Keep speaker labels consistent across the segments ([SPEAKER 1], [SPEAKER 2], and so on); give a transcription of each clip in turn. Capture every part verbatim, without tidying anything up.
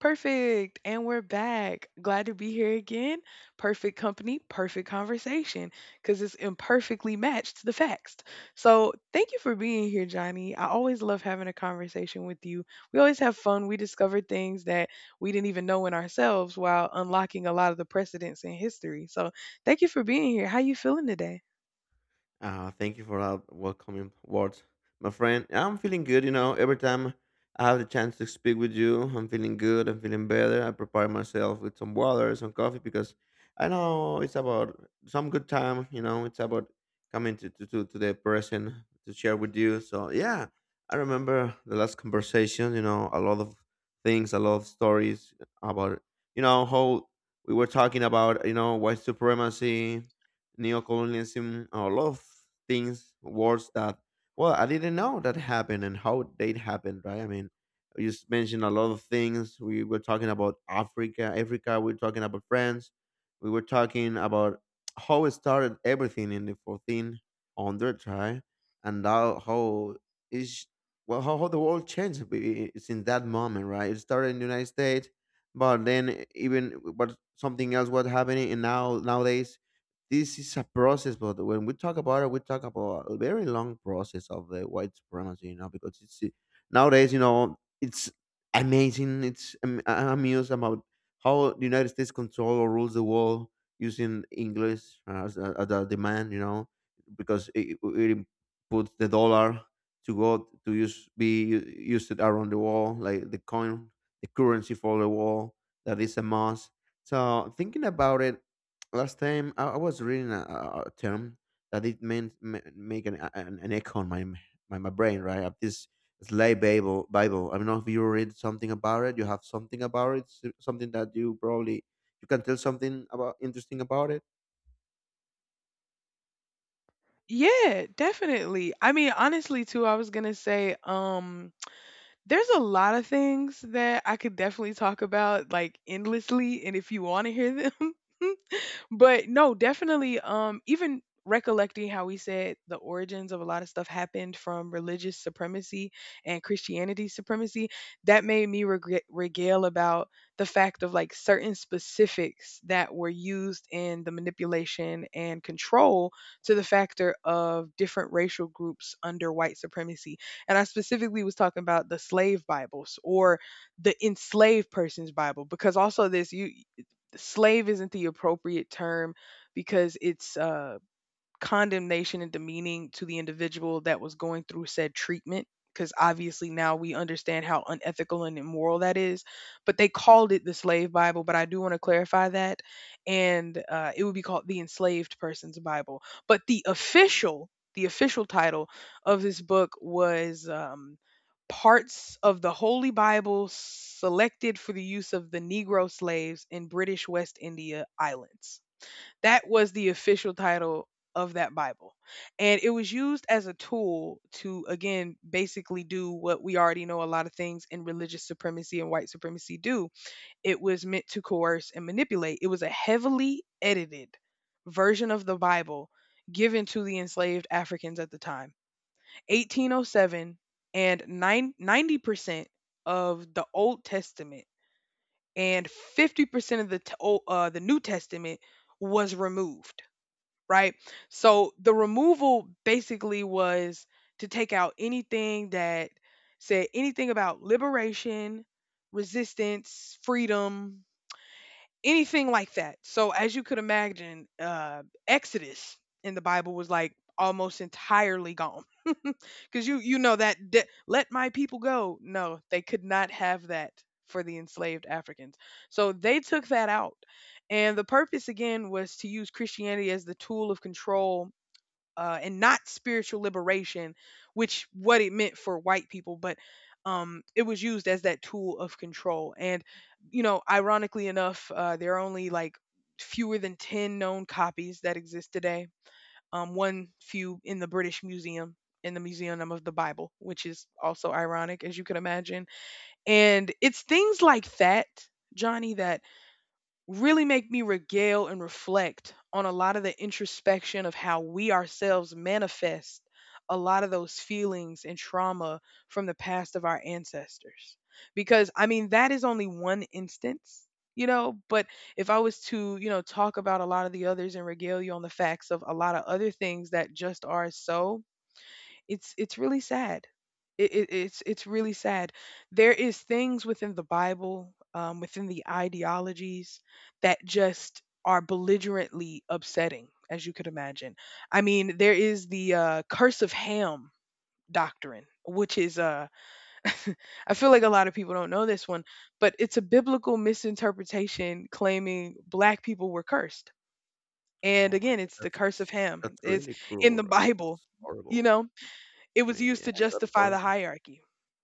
[SPEAKER 1] Perfect. And we're back. Glad to be here again. Perfect company, perfect conversation, because it's imperfectly matched to the facts. So thank you for being here, Johnny. I always love having a conversation with you. We always have fun. We discover things that we didn't even know in ourselves while unlocking a lot of the precedents in history. So thank you for being here. How you feeling today?
[SPEAKER 2] Uh, thank you for that welcoming words, my friend. I'm feeling good, you know. Every time I have the chance to speak with you, I'm feeling good. I'm feeling better. I prepare myself with some water, some coffee, because I know it's about some good time. You know, it's about coming to to to, to the person to share with you. So yeah, I remember the last conversation. You know, a lot of things, a lot of stories about you know how we were talking about you know white supremacy, neocolonialism, a lot of things, words that, well, I didn't know that happened and how they happened, right? I mean, you s- mentioned a lot of things. We were talking about Africa, Africa, we were talking about France, we were talking about how it started everything in the fourteen hundreds, right? And how, how is well, how, how the world changed i- i- since that moment, right? It started in the United States, but then even but something else was happening, and now nowadays this is a process, but when we talk about it, we talk about a very long process of the white supremacy, you know, because it's uh, nowadays, you know, it's amazing. It's am- I'm amused about how the United States control or rules the world using English as a, as a demand, you know, because it, it puts the dollar to go to use be u- used around the world, like the coin, the currency for the world that is a must. So thinking about it, last time I, I was reading a, a a term that it meant ma- make an, a- an an echo on my m- my, my brain, right? Of this Sly Bible Bible. I don't know if you read something about it. You have something about it. s- Something that you probably you can tell something about interesting about it.
[SPEAKER 1] Yeah, definitely. I mean, honestly, too, I was gonna say, um, there's a lot of things that I could definitely talk about like endlessly, and if you want to hear them, but no, definitely, um even recollecting how we said the origins of a lot of stuff happened from religious supremacy and Christianity supremacy, that made me regre- regale about the fact of like certain specifics that were used in the manipulation and control to the factor of different racial groups under white supremacy. And I specifically was talking about the slave Bibles, or the enslaved person's Bible, because also this you slave isn't the appropriate term because it's uh condemnation and demeaning to the individual that was going through said treatment, because obviously now we understand how unethical and immoral that is. But they called it the slave Bible, but I do want to clarify that. And uh, it would be called the enslaved person's Bible. But the official the official title of this book was, um, Parts of the Holy Bible Selected for the Use of the Negro Slaves in British West India Islands. That was the official title of that Bible. And it was used as a tool to, again, basically do what we already know a lot of things in religious supremacy and white supremacy do. It was meant to coerce and manipulate. It was a heavily edited version of the Bible given to the enslaved Africans at the time. eighteen oh seven, and nine ninety percent of the Old Testament and fifty percent of the, t- o- uh, the New Testament was removed, right? So the removal basically was to take out anything that said anything about liberation, resistance, freedom, anything like that. So as you could imagine, uh, Exodus in the Bible was like almost entirely gone because you you know that de- let my people go. No, they could not have that for the enslaved Africans. So they took that out, and the purpose again was to use Christianity as the tool of control, uh, and not spiritual liberation, which what it meant for white people. But um, it was used as that tool of control. And you know, ironically enough, uh, there are only like fewer than ten known copies that exist today. Um, one few in the British Museum. In the Museum of the Bible, which is also ironic, as you can imagine. And it's things like that, Johnny, that really make me regale and reflect on a lot of the introspection of how we ourselves manifest a lot of those feelings and trauma from the past of our ancestors. Because, I mean, that is only one instance, you know, but if I was to, you know, talk about a lot of the others and regale you on the facts of a lot of other things that just are so, it's it's really sad. It, it, it's it's really sad. There is things within the Bible, um, within the ideologies that just are belligerently upsetting, as you could imagine. I mean, there is the uh, curse of Ham doctrine, which is uh, I feel like a lot of people don't know this one, but it's a biblical misinterpretation claiming black people were cursed. And
[SPEAKER 2] Oh my
[SPEAKER 1] again,
[SPEAKER 2] God,
[SPEAKER 1] it's the
[SPEAKER 2] that's
[SPEAKER 1] curse of Ham.
[SPEAKER 2] that's
[SPEAKER 1] It's
[SPEAKER 2] really
[SPEAKER 1] in
[SPEAKER 2] cruel,
[SPEAKER 1] the
[SPEAKER 2] right?
[SPEAKER 1] Bible,
[SPEAKER 2] It's
[SPEAKER 1] you
[SPEAKER 2] horrible.
[SPEAKER 1] know, it
[SPEAKER 2] I
[SPEAKER 1] was
[SPEAKER 2] mean,
[SPEAKER 1] used
[SPEAKER 2] yeah,
[SPEAKER 1] to
[SPEAKER 2] I got a
[SPEAKER 1] justify the
[SPEAKER 2] point.
[SPEAKER 1] hierarchy.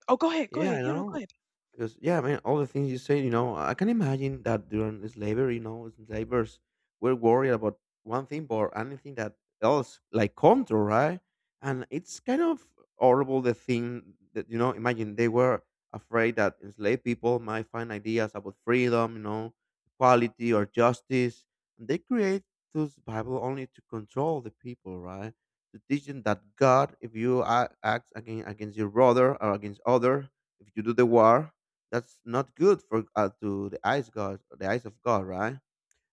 [SPEAKER 1] Oh, go ahead, go
[SPEAKER 2] Yeah,
[SPEAKER 1] ahead.
[SPEAKER 2] I
[SPEAKER 1] You know, go
[SPEAKER 2] know.
[SPEAKER 1] ahead.
[SPEAKER 2] Because yeah, man, all the things you said, you know, I can imagine that during slavery, you know, slavers were worried about one thing or anything that else, like control, right? And it's kind of horrible the thing that you know. Imagine they were afraid that enslaved people might find ideas about freedom, you know, equality or justice, and they create those Bible only to control the people, right? To teach them that God, if you a- act against against your brother or against other, if you do the war that's not good for uh, to the eyes god the eyes of god, right?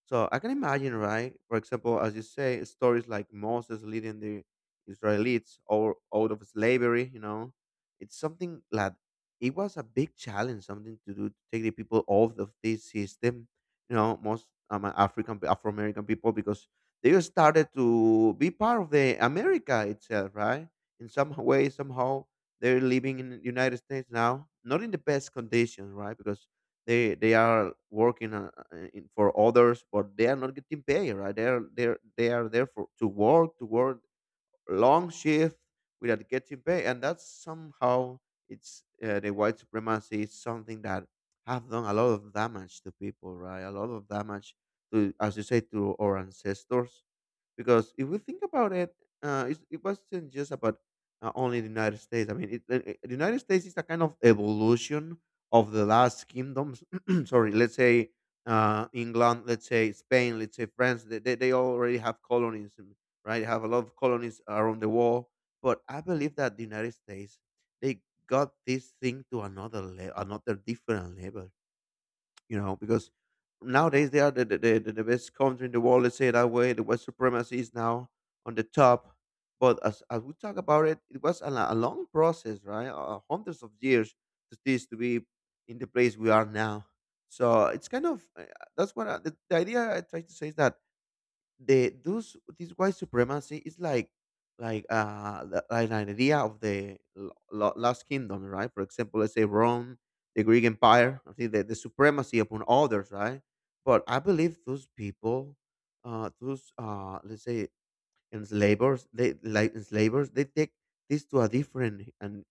[SPEAKER 2] So I can imagine, right? For example, as you say, stories like Moses leading the Israelites or out of slavery, you know, it's something that it was a big challenge, something to do to take the people off of this system, you know, most um, African, Afro American people, because they just started to be part of the America itself, right? In some way, somehow, they're living in the United States now, not in the best conditions, right? Because they they are working uh, uh, in, for others, but they are not getting paid, right? They are they are- they are there for to work to work long shift without getting paid, and that's somehow it's uh, the white supremacy is something that have done a lot of damage to people, right? A lot of damage to, as you say, to our ancestors because if we think about it, uh, it's, it wasn't just about uh, only the United States. I mean, it, uh, uh, the United States is a kind of evolution of the last kingdoms. Sorry, let's say uh, England, let's say Spain, let's say France. They, they, they already have colonies, and- right? They have a lot of colonies around the world. But I believe that the United States, they got this thing to another le- another different level, you know, because nowadays they are the, the, the, the best country in the world, let's say it that way. The white supremacy is now on the top. But as, as we talk about it, it was a, lo- a long process, right? Uh, hundreds of years to this to be in the place we are now. So it's kind of uh, that's what I, the, the idea I try to say is that the those this white supremacy is like like uh the- like an idea of the lo- lo- last kingdom, right? For example, let's say Rome, the Greek empire. I think the, the supremacy upon others, right? But I believe those people, uh those uh let's say enslavers, they like enslavers they take this to a different and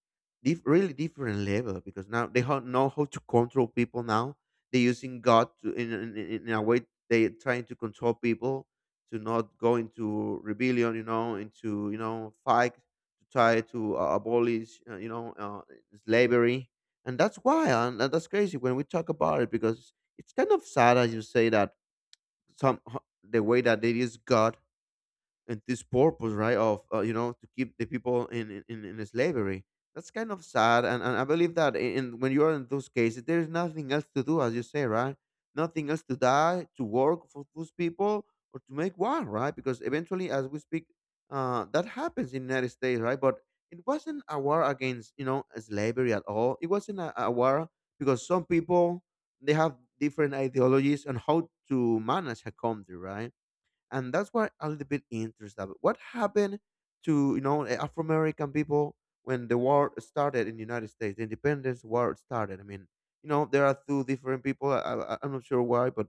[SPEAKER 2] dif- really different level, because now they ho- know how to control people. Now they're using god to, in, in, in in a way, they're trying to control people to not go into rebellion, you know, into you know fight to try to uh, abolish uh, you know uh, slavery. And that's why, and that's crazy when we talk about it, because it's kind of sad, as you say, that some ho- the way that they use god and this purpose, right? Of uh, you know, to keep the people in in, in in slavery, that's kind of sad. And, and I believe that in, in- when you are in those cases, there's nothing else to do, as you say, right? Nothing else to die to work for those people or to make war, right? Because eventually, as we speak, uh, that happens in United States, right? But it wasn't a war against, you know, slavery at all. It wasn't a, a war, because some people, they have different ideologies on how to manage a country, right? And that's why a little bit interested about what happened to, you know, Afro American people when the war started in the United States, the Independence War started? I mean, you know, there are two different people. I, I, I'm not sure why, but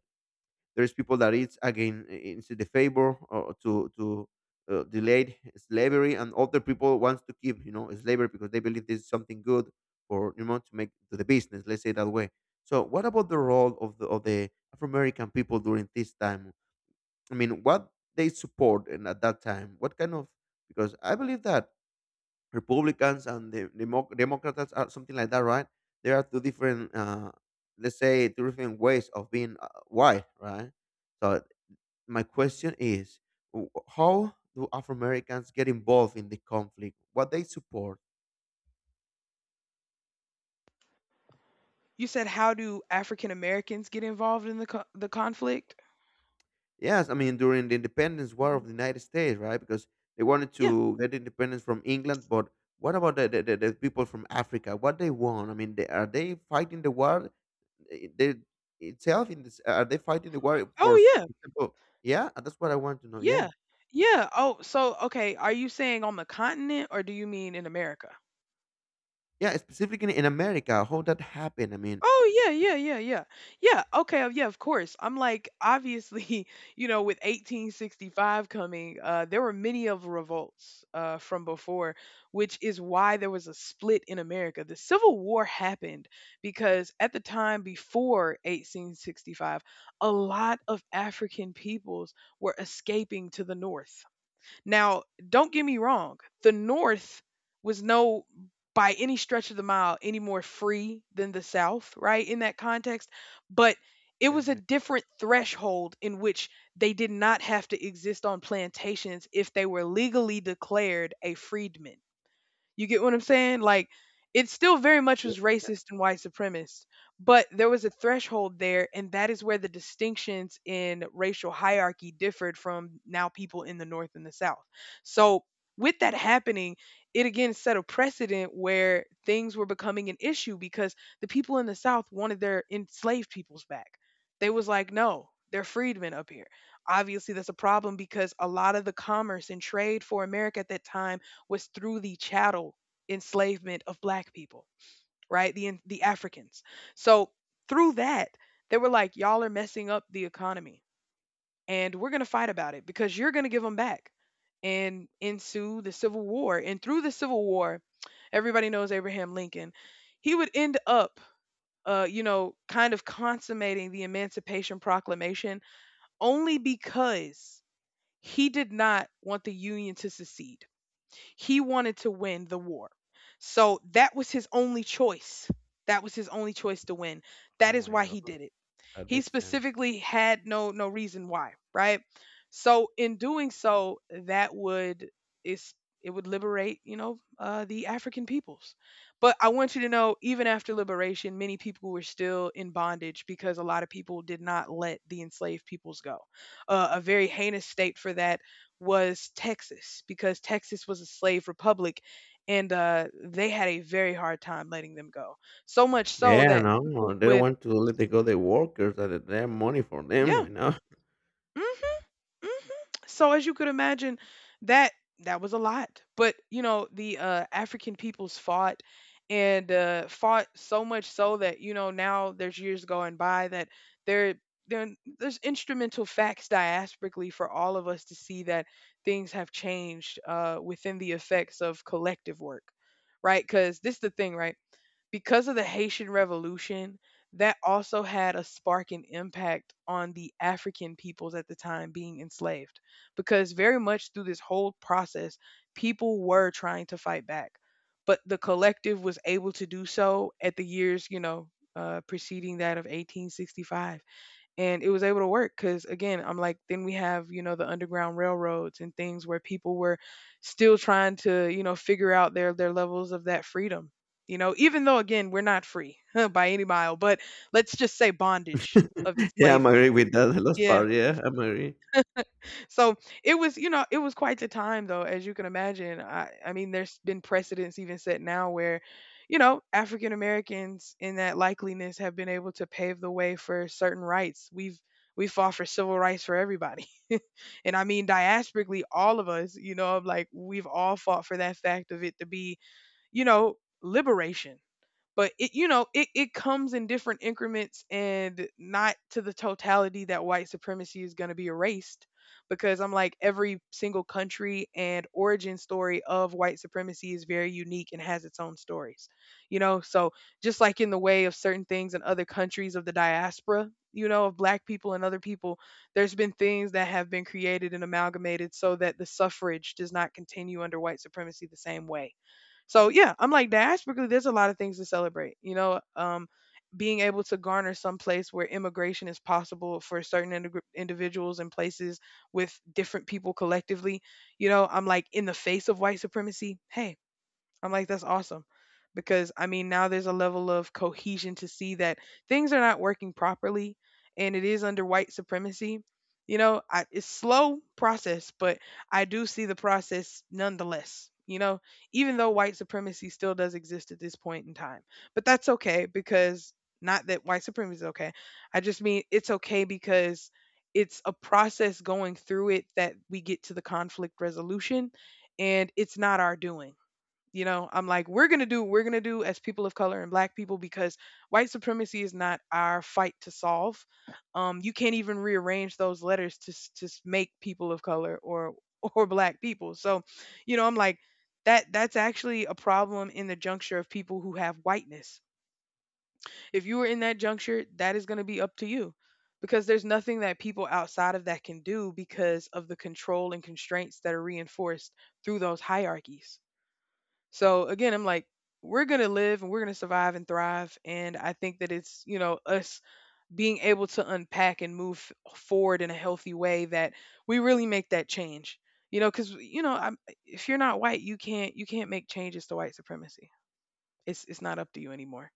[SPEAKER 2] there's people that it's again into the favor or to to uh, delayed slavery, and other people wants to keep, you know, slavery because they believe this is something good for, you know, to make to the business. Let's say that way. So, what about the role of the of the Afro American people during this time? I mean, what they support and at that time, what kind of, because I believe that Republicans and the Demo- Democrats are something like that, right? There are two different, uh, let's say, two different ways of being uh, white, right? So my question is, w- how do Afro Americans get involved in the conflict? What they support?
[SPEAKER 1] You said how do African Americans get involved in the co the conflict?
[SPEAKER 2] Yes, I mean during the Independence War of
[SPEAKER 1] Mhm.
[SPEAKER 2] the United States, right? Because they wanted
[SPEAKER 1] Yeah.
[SPEAKER 2] to get independence from England, but what about the the, the, the people from Africa? What they want? I mean, they, are they fighting the war eh, they, itself? In this, are they fighting the war for, s-
[SPEAKER 1] Oh,
[SPEAKER 2] for
[SPEAKER 1] yeah.
[SPEAKER 2] example? Yeah, uh, that's what I want to know.
[SPEAKER 1] Yeah.
[SPEAKER 2] Yeah,
[SPEAKER 1] Yeah. Oh, so okay, are you saying on the continent or do you mean in America?
[SPEAKER 2] yeah, specifically in America, how that happened? I mean,
[SPEAKER 1] Oh yeah, yeah, yeah, yeah. Yeah, okay, uh, yeah, of course. I'm like obviously, you know, with eighteen sixty-five coming, uh there were many of revolts uh from before, which is why there was a split in America. The Civil War happened because at the time before eighteen sixty-five, a lot of African peoples were escaping to the north. Now, don't get me wrong, the North was no by any stretch of the mile any more free than the South, right? In that context, but it
[SPEAKER 2] yeah,
[SPEAKER 1] was a
[SPEAKER 2] yeah.
[SPEAKER 1] different threshold in which they did not have to exist on plantations if they were legally declared a freedman. You get what I'm saying? Like, it still very much
[SPEAKER 2] Yeah.
[SPEAKER 1] was racist and white supremacist, but there was a threshold there, and that is where the distinctions in racial hierarchy differed from now people in the North and the South. So, with that happening, it again set a precedent where things were becoming an issue because the people in the South wanted their enslaved peoples back. They was like, no, they're freedmen up here. Obviously, that's a problem because a lot of the commerce and trade for America at that time was through the chattel enslavement of black people, right? The the Africans. So through that, they were like, y'all are messing up the economy, and we're gonna fight about it because you're gonna give them back. And ensue the Civil War, and through the Civil War, everybody knows Abraham Lincoln. He would end up, uh, you know, kind of consummating the Emancipation Proclamation only because he did not want the Union to secede. He wanted to win the war. So that was his only choice. That was his only choice to win.
[SPEAKER 2] Oh
[SPEAKER 1] That is
[SPEAKER 2] my
[SPEAKER 1] why he
[SPEAKER 2] God,
[SPEAKER 1] did it.
[SPEAKER 2] that
[SPEAKER 1] He
[SPEAKER 2] makes sense.
[SPEAKER 1] specifically had no no reason why, right? So in doing so, that would is it would liberate, you know, uh, the African peoples. But I want you to know, even after liberation, many people were still in bondage because a lot of people did not let the enslaved peoples go. Uh, a very heinous state for that was Texas, because Texas was a slave republic, and uh, they had a very hard time letting them go. So much so
[SPEAKER 2] Yeah,
[SPEAKER 1] that
[SPEAKER 2] no,
[SPEAKER 1] people
[SPEAKER 2] they don't
[SPEAKER 1] would,
[SPEAKER 2] want to let they go the workers that they have money for them.
[SPEAKER 1] yeah.
[SPEAKER 2] I know.
[SPEAKER 1] Mhm. So as you could imagine that that was a lot. But you know, the uh African peoples fought, and uh fought so much so that you know now there's years going by that there there there's instrumental facts diasporically for all of us to see that things have changed uh within the effects of collective work, right? Because this is the thing, right? Because of the Haitian Revolution, that also had a spark and impact on the African peoples at the time being enslaved. Because very much through this whole process, people were trying to fight back. But the collective was able to do so at the years, you know, uh, preceding that of eighteen sixty-five, and it was able to work because again, I'm like, then we have you know the underground railroads and things where people were still trying to you know figure out their their levels of that freedom, you know, even though again we're not free by any mile, but let's just say bondage of
[SPEAKER 2] Yeah, I'm
[SPEAKER 1] enslavement.
[SPEAKER 2] agree with that. The last
[SPEAKER 1] Yeah.
[SPEAKER 2] part. Yeah, I'm agree.
[SPEAKER 1] So it was, you know, it was quite the time though, as you can imagine. I, I mean, there's been precedents even set now where, you know, African Americans in that likeliness have been able to pave the way for certain rights. We've we fought for civil rights for everybody. And I mean diasporically, all of us, you know, like we've all fought for that fact of it to be, you know, liberation, but it, you know, it, it comes in different increments and not to the totality that white supremacy is going to be erased, because I'm like every single country and origin story of white supremacy is very unique and has its own stories, you know. So just like in the way of certain things in other countries of the diaspora, you know, of black people and other people, there's been things that have been created and amalgamated so that the suffrage does not continue under white supremacy the same way. So yeah, I'm like the Ashburgley, there's a lot of things to celebrate, you know. Um being able to garner some place where immigration is possible for certain integr individuals and places with different people collectively, you know, I'm like in the face of white supremacy. Hey, I'm like, that's awesome. Because I mean, now there's a level of cohesion to see that things are not working properly and it is under white supremacy. You know, I, it's slow process, but I do see the process nonetheless. You know, even though white supremacy still does exist at this point in time, but that's okay because not that white supremacy is okay. I just mean it's okay because it's a process going through it that we get to the conflict resolution, and it's not our doing. You know, I'm like, we're going to do what we're going to do as people of color and black people because white supremacy is not our fight to solve. Um, you can't even rearrange those letters to, s- to s- make people of color or, or black people. So, you know, I'm like, that that's actually a problem in the juncture of people who have whiteness. If you are in that juncture, that is going to be up to you because there's nothing that people outside of that can do because of the control and constraints that are reinforced through those hierarchies. So again, I'm like, we're going to live and we're going to survive and thrive. And I think that it's, you know, us being able to unpack and move f- forward in a healthy way that we really make that change. You know, because you know, I'm, if you're not white, you can't you can't make changes to white supremacy. It's it's not up to you anymore.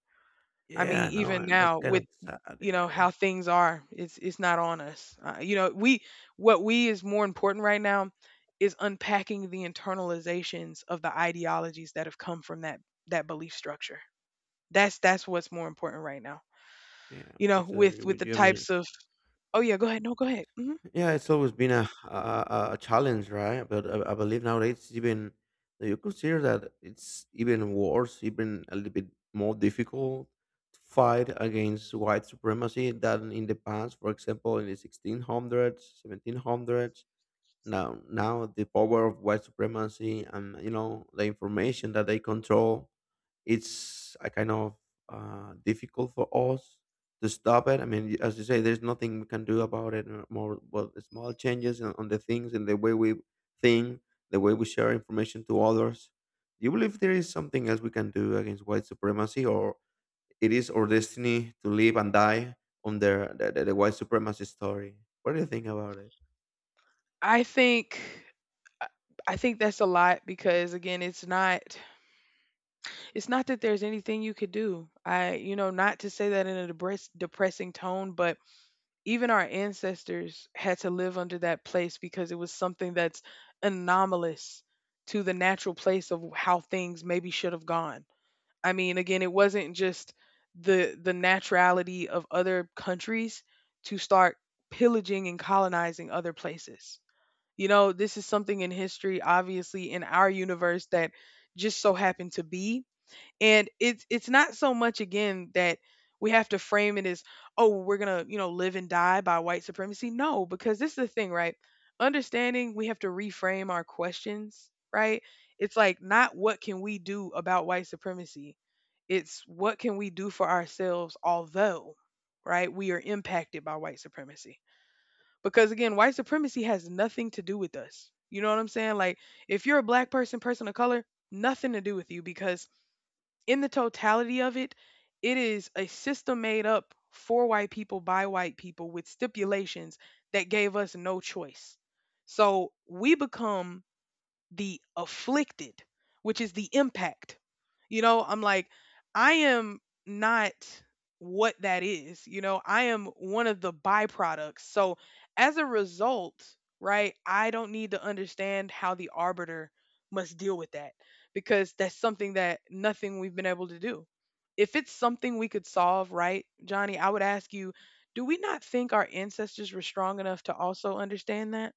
[SPEAKER 1] I
[SPEAKER 2] Yeah,
[SPEAKER 1] mean,
[SPEAKER 2] no,
[SPEAKER 1] even
[SPEAKER 2] and that's
[SPEAKER 1] now
[SPEAKER 2] kind
[SPEAKER 1] with,
[SPEAKER 2] of sad,
[SPEAKER 1] you know,
[SPEAKER 2] yeah.
[SPEAKER 1] how things are, it's it's not on us. Uh, you know, we, what we is more important right now is unpacking the internalizations of the ideologies that have come from that that belief structure. That's that's what's more important right now,
[SPEAKER 2] Yeah, I'm
[SPEAKER 1] you know,
[SPEAKER 2] totally
[SPEAKER 1] with
[SPEAKER 2] agree
[SPEAKER 1] with
[SPEAKER 2] with
[SPEAKER 1] the
[SPEAKER 2] you, I mean
[SPEAKER 1] types of, oh yeah, go ahead, no, go ahead. Hmm.
[SPEAKER 2] yeah, it's always been a a a a challenge, right? But I I believe nowadays it's even, you consider that it's even worse, even a little bit more difficult to fight against white supremacy than in the past. For example, in the sixteen hundreds, seventeen hundreds, now now the power of white supremacy and you know the information that they control, it's a kind of uh, difficult for us to stop it. I mean, y- as you say, there's nothing we can do about it. uh, More well, the small changes on, on the things and the way we think, the way we share information to others. Do you believe there is something else we can do against white supremacy, or it is our destiny to live and die under the, the, the white supremacy story? What do you think about it?
[SPEAKER 1] i think I I think that's a lot because again, it's not, it's not that there's anything you could do. I, you know, not to say that in a depress, depressing tone, but even our ancestors had to live under that place because it was something that's anomalous to the natural place of how things maybe should have gone. I mean, again, it wasn't just the the naturality of other countries to start pillaging and colonizing other places. You know, this is something in history, obviously, in our universe that just so happened to be, and it's it's not so much again that we have to frame it as, oh, we're gonna, you know, live and die by white supremacy. No, because this is the thing, right? Understanding, we have to reframe our questions, right? It's like, not what can we do about white supremacy. It's what can we do for ourselves, although, right, we are impacted by white supremacy. Because again, white supremacy has nothing to do with us. You know what I'm saying? Like, if you're a black person, person of color, nothing to do with you because in the totality of it, it is a system made up for white people by white people with stipulations that gave us no choice. So we become the afflicted, which is the impact. You know, I'm like, I am not what that is. You know, I am one of the byproducts. So as a result, right, I don't need to understand how the arbiter must deal with that because that's something that nothing we've been able to do. If it's something we could solve, right, Johnny, I would ask you, do we not think our ancestors were strong enough to also understand that?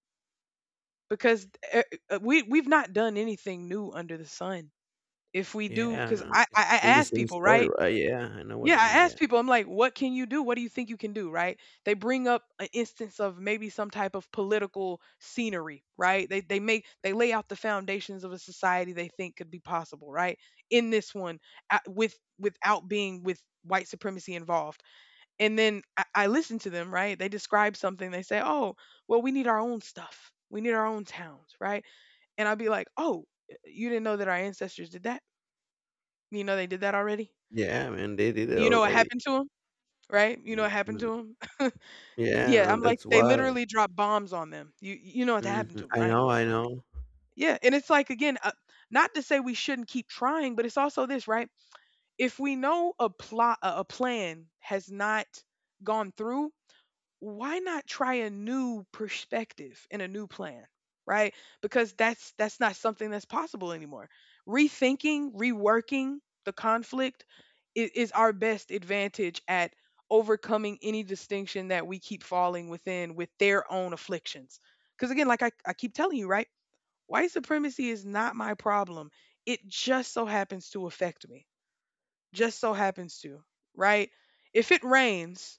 [SPEAKER 1] Because e- uh, we we've not done anything new under the sun. If we do,
[SPEAKER 2] Yeah, I
[SPEAKER 1] because
[SPEAKER 2] know,
[SPEAKER 1] I,
[SPEAKER 2] it's
[SPEAKER 1] I I
[SPEAKER 2] still the
[SPEAKER 1] ask
[SPEAKER 2] same
[SPEAKER 1] people,
[SPEAKER 2] story,
[SPEAKER 1] right?
[SPEAKER 2] right? Yeah, I know what
[SPEAKER 1] Yeah,
[SPEAKER 2] you
[SPEAKER 1] I
[SPEAKER 2] mean.
[SPEAKER 1] ask
[SPEAKER 2] Yeah,
[SPEAKER 1] people. I'm like, what can you do? What do you think you can do? Right? They bring up an instance of maybe some type of political scenery, right? They they make they lay out the foundations of a society they think could be possible, right? In this one, uh, with without being with white supremacy involved, and then I, I listen to them, right? They describe something. They say, oh, well, we need our own stuff. We need our own towns, right? And I'll be like, "Oh, you didn't know that our ancestors did that? You know they did that already?
[SPEAKER 2] yeah, man, they did it
[SPEAKER 1] You know what
[SPEAKER 2] already.
[SPEAKER 1] happened to them, right? You know what happened to
[SPEAKER 2] Mhm.
[SPEAKER 1] them."
[SPEAKER 2] Yeah,
[SPEAKER 1] Yeah, I'm
[SPEAKER 2] no,
[SPEAKER 1] like,
[SPEAKER 2] that's
[SPEAKER 1] "They
[SPEAKER 2] wild.
[SPEAKER 1] literally dropped bombs on them. You you know what happened
[SPEAKER 2] Mhm.
[SPEAKER 1] to them,
[SPEAKER 2] I
[SPEAKER 1] right?"
[SPEAKER 2] know, I know.
[SPEAKER 1] Yeah, and it's like, again, uh, not to say we shouldn't keep trying, but it's also this, right? If we know a plot a a plan has not gone through, why not try a new perspective and a new plan, right? Because that's that's not something that's possible anymore. Rethinking, reworking the conflict is, is our best advantage at overcoming any distinction that we keep falling within with their own afflictions. Because again, like, I, I keep telling you, right, white supremacy is not my problem. It just so happens to affect me, just so happens to, right? If it rains,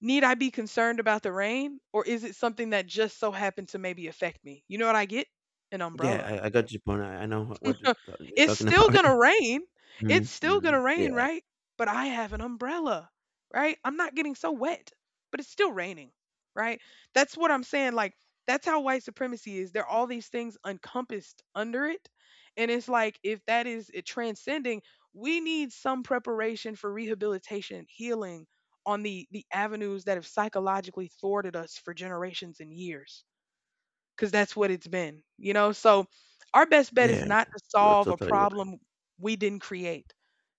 [SPEAKER 1] need I be concerned about the rain, or is it something that just so happened to maybe affect me? You know what I get? An
[SPEAKER 2] Yeah,
[SPEAKER 1] umbrella.
[SPEAKER 2] I I got your point. I I know what you're ta you're
[SPEAKER 1] It's
[SPEAKER 2] talking
[SPEAKER 1] still
[SPEAKER 2] about.
[SPEAKER 1] gonna rain. It's still
[SPEAKER 2] Mhm.
[SPEAKER 1] gonna rain,
[SPEAKER 2] Yeah.
[SPEAKER 1] right? But I have an umbrella, right? I'm not getting so wet, but it's still raining, right? That's what I'm saying. Like, that's how white supremacy is. There are all these things encompassed under it. And it's like, if that is it transcending, we need some preparation for rehabilitation, healing on the, the avenues that have psychologically thwarted us for generations and years, because that's what it's been, you know? So our best bet is
[SPEAKER 2] Yeah,
[SPEAKER 1] not to
[SPEAKER 2] you're
[SPEAKER 1] solve a
[SPEAKER 2] totally right.
[SPEAKER 1] problem we didn't create.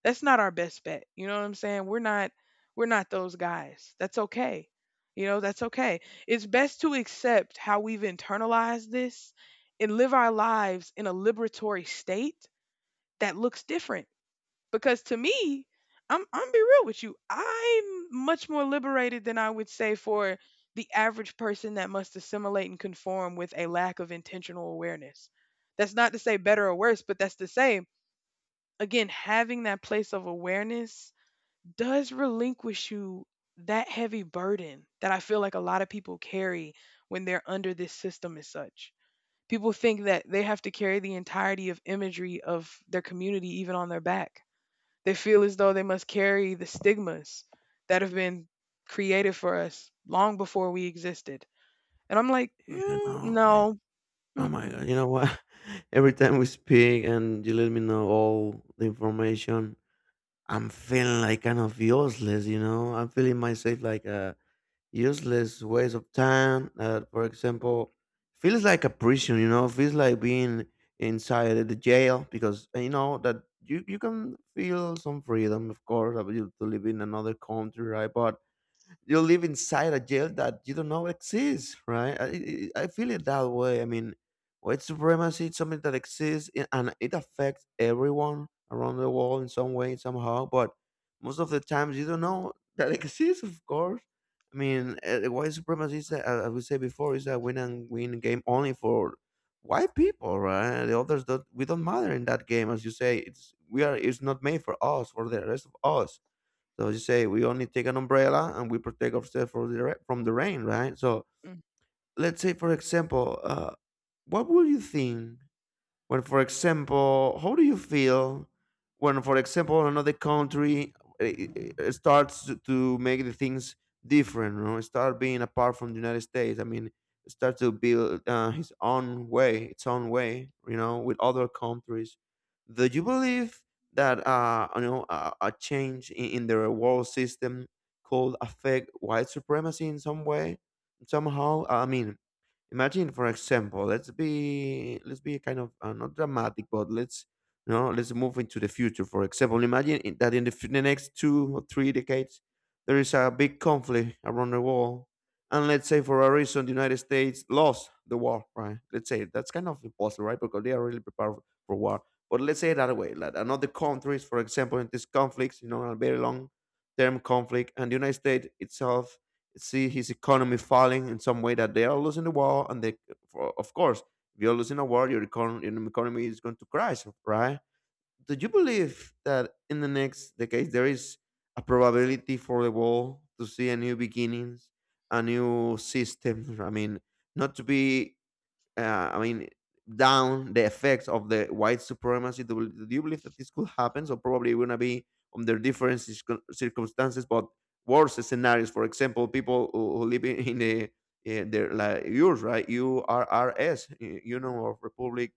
[SPEAKER 1] That's not our best bet. You know what I'm saying? We're not we're not those guys. That's okay. You know, that's okay. It's best to accept how we've internalized this and live our lives in a liberatory state that looks different, because to me, i'm i'm be real with you, I'm much more liberated than I would say for the average person that must assimilate and conform with a lack of intentional awareness. That's not to say better or worse, but that's to say, again, having that place of awareness does relinquish you that heavy burden that I feel like a lot of people carry when they're under this system as such. People think that they have to carry the entirety of imagery of their community even on their back. They feel as though they must carry the stigmas that have been created for us long before we existed. And I'm like,
[SPEAKER 2] Yeah,
[SPEAKER 1] mm,
[SPEAKER 2] no, I mean,
[SPEAKER 1] no,
[SPEAKER 2] oh
[SPEAKER 1] mm-mm,
[SPEAKER 2] my
[SPEAKER 1] mm,
[SPEAKER 2] god, you know what? Every time we speak and you let me know all the information, I'm feeling like kind of useless, you know? I'm feeling myself like a useless waste of time. Uh, for example, feels like a prison, you know, feels like being inside the jail because uh, you know that you, you can feel some freedom, of course, about you to live in another country, right? But you live inside a jail that you don't know exists, right? I, I I feel it that way. I mean, white supremacy is something that exists i- and it affects everyone around the world in some way, somehow. But most of the times, you don't know that it exists, of course. I mean, uh, white supremacy, is, uh, as we said before, is a win and win game only for white people, right? The others don't. We don't matter in that game, as you say. It's we are. It's not made for us, for the rest of us, so you say we only take an umbrella and we protect ourselves from the ra- from the rain, right? So
[SPEAKER 1] mm.
[SPEAKER 2] let's say, for example, uh, what would you think when, for example, how do you feel when, for example, another country eh, eh, eh, starts to to make the things different, you know, start being apart from the United States? I mean, start to build uh, his own way, its own way, you know, with other countries. Do you believe that uh, you know a, a change in, in their world system could affect white supremacy in some way, somehow? I mean, imagine, for example, let's be let's be kind of uh, not dramatic, but let's, you know, let's move into the future. For example, imagine in- that in the, fu- the next two or three decades there is a big conflict around the world, and let's say for a reason the United States lost the war, right? Let's say that's kind of impossible, right? Because they are really prepared for for war. But let's say that way, like another countries, for example, in these conflicts, you know, a very long term conflict, and the United States itself see his economy falling in some way that they are losing the war, and they for, of course, if you're losing a war your econ- your economy is going to crash, right? Do you believe that in the next decade there is a probability for the world to see a new beginnings, a new system, I mean, not to be uh, I mean, down the effects of the white supremacy? Do, you- do you believe that this could happen? So probably we're gonna be under different circum- circumstances, but worse scenarios. For example, people who, who live in, in the in their like yours, right? U R R S, you know, of Republic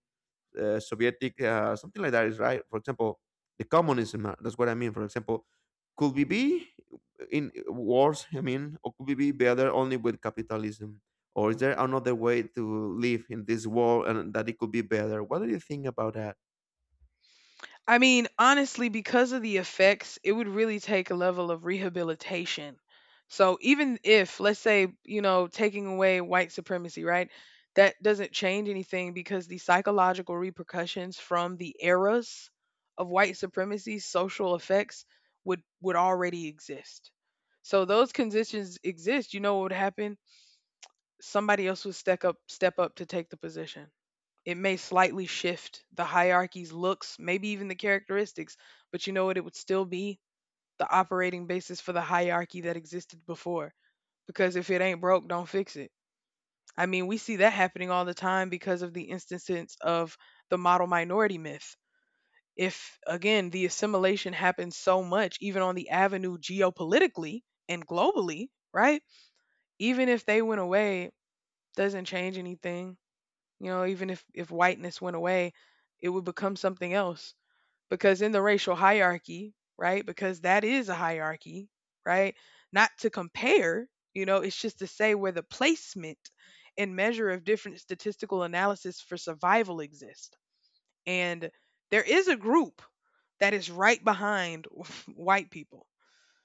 [SPEAKER 2] uh, Sovietic, uh, something like that is right. For example, the communism. uh, That's what I mean. For example, could we be in wars? I mean, or could we be better only with capitalism? Or is there another way to live in this world and that it could be better? What do you think about that?
[SPEAKER 1] I mean, honestly, because of the effects, it would really take a level of rehabilitation. So even if, let's say, you know, taking away white supremacy, right? That doesn't change anything because the psychological repercussions from the eras of white supremacy, social effects, would would already exist. So those conditions exist. You know what would happen? Somebody else would step up, step up to take the position. It may slightly shift the hierarchy's looks, maybe even the characteristics, but you know what? It would still be the operating basis for the hierarchy that existed before. Because if it ain't broke, don't fix it. I mean, we see that happening all the time because of the instances of the model minority myth. If, again, the assimilation happens so much, even on the avenue geopolitically and globally, right? Even if they went away, doesn't change anything. You know, even if if whiteness went away, it would become something else, because in the racial hierarchy, right? Because that is a hierarchy, right? Not to compare, you know, it's just to say where the placement and measure of different statistical analysis for survival exist. And there is a group that is right behind white people.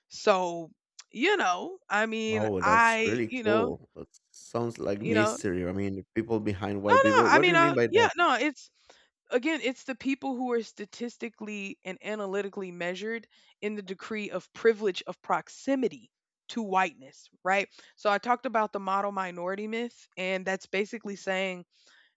[SPEAKER 1] So, you know, I mean,
[SPEAKER 2] Wow, that's
[SPEAKER 1] I,
[SPEAKER 2] really
[SPEAKER 1] you know,
[SPEAKER 2] cool. That sounds like
[SPEAKER 1] you know,
[SPEAKER 2] mystery. I mean, people behind
[SPEAKER 1] no,
[SPEAKER 2] white
[SPEAKER 1] no,
[SPEAKER 2] people.
[SPEAKER 1] I
[SPEAKER 2] What do
[SPEAKER 1] mean,
[SPEAKER 2] you mean
[SPEAKER 1] uh,
[SPEAKER 2] by
[SPEAKER 1] yeah,
[SPEAKER 2] that?
[SPEAKER 1] no, it's, again, it's the people who are statistically and analytically measured in the decree of privilege of proximity to whiteness, right? So I talked about the model minority myth, and that's basically saying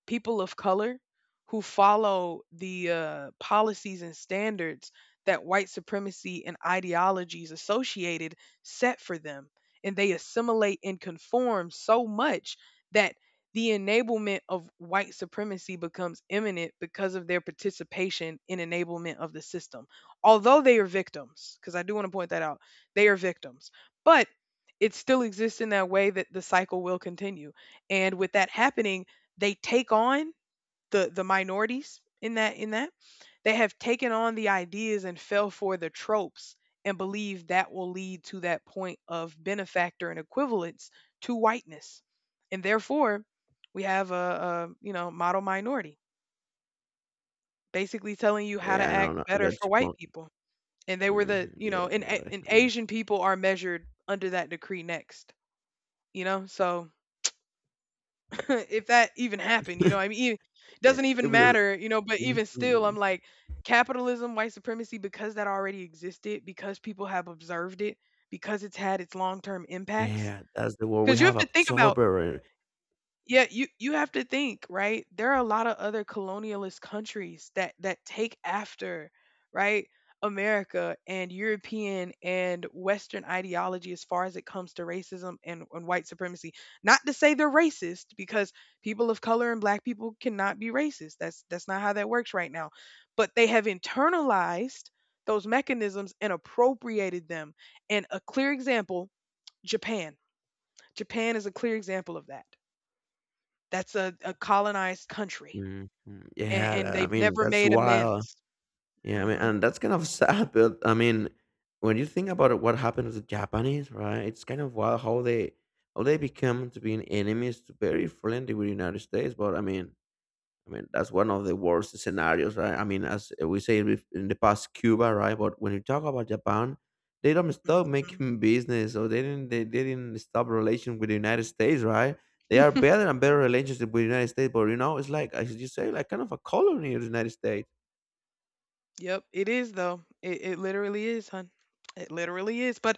[SPEAKER 1] people of color who follow the uh, policies and standards that white supremacy and ideologies associated set for them. And they assimilate and conform so much that the enablement of white supremacy becomes imminent because of their participation in enablement of the system. Although they are victims, because I do want to point that out, they are victims. But it still exists in that way that the cycle will continue. And with that happening, they take on the the minorities in that in that they have taken on the ideas and fell for the tropes and believe that will lead to that point of benefactor and equivalence to whiteness, and therefore we have a, a you know, model minority basically telling you how to
[SPEAKER 2] Yeah, I know.
[SPEAKER 1] act
[SPEAKER 2] No, I
[SPEAKER 1] better
[SPEAKER 2] got
[SPEAKER 1] for white
[SPEAKER 2] you.
[SPEAKER 1] people. And they were the,
[SPEAKER 2] Mm,
[SPEAKER 1] you know,
[SPEAKER 2] yeah,
[SPEAKER 1] and,
[SPEAKER 2] I
[SPEAKER 1] A-
[SPEAKER 2] got it.
[SPEAKER 1] and
[SPEAKER 2] I mean,
[SPEAKER 1] asian people are measured under that decree next, you know. So if that even happened, you know, what I mean, it
[SPEAKER 2] yeah,
[SPEAKER 1] doesn't even
[SPEAKER 2] because.
[SPEAKER 1] matter, you know, but even still, I'm
[SPEAKER 2] Mhm.
[SPEAKER 1] like, capitalism, white supremacy, because that already existed, because people have observed it, because it's had its long term impacts.
[SPEAKER 2] Yeah, that's the word. We
[SPEAKER 1] Because you
[SPEAKER 2] have
[SPEAKER 1] have to think about,
[SPEAKER 2] absorber.
[SPEAKER 1] yeah, you you have to think, right? There are a lot of other colonialist countries that that take after, right? America and European and Western ideology as far as it comes to racism and, and white supremacy. Not to say they're racist, because people of color and black people cannot be racist. That's that's not how that works right now. But they have internalized those mechanisms and appropriated them. And a clear example, Japan. Japan is a clear example of that. That's a a colonized country,
[SPEAKER 2] Mhm.
[SPEAKER 1] and and
[SPEAKER 2] Yeah, I
[SPEAKER 1] they've
[SPEAKER 2] mean,
[SPEAKER 1] never
[SPEAKER 2] that's
[SPEAKER 1] made
[SPEAKER 2] wild.
[SPEAKER 1] amends.
[SPEAKER 2] Yeah, I mean,
[SPEAKER 1] Mhm,
[SPEAKER 2] and that's kind of sad, but I mean, when you think about it, what happened to the Japanese, right? It's kind of wild how they, how they become to being enemies to very friendly with the United States. But I mean, I mean, that's one of the worst scenarios, right? I mean, as we say bef- in the past, Cuba, right? But when you talk about Japan, they don't stop
[SPEAKER 1] mhm.
[SPEAKER 2] making business, or they didn't they, they didn't stop relation with the United States, right? They are better and better relationship with the United States, but you know, it's like as you say, like kind of a colony of the United States.
[SPEAKER 1] Yep, it is though. It it literally is, hun. It literally is, but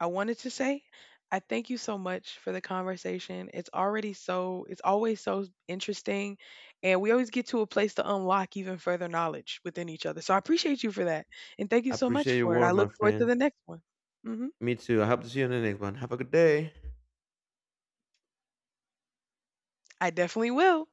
[SPEAKER 1] I wanted to say, I thank you so much for the conversation. It's already so it's always so interesting, and we always get to a place to unlock even further knowledge within each other. So I appreciate you for that, and thank you
[SPEAKER 2] I
[SPEAKER 1] so much
[SPEAKER 2] appreciate your
[SPEAKER 1] for it. I
[SPEAKER 2] work, my
[SPEAKER 1] look forward to
[SPEAKER 2] friend.
[SPEAKER 1] the next one. Mhm.
[SPEAKER 2] Me too. I hope to see you in the next one. Have a good day.
[SPEAKER 1] I definitely will.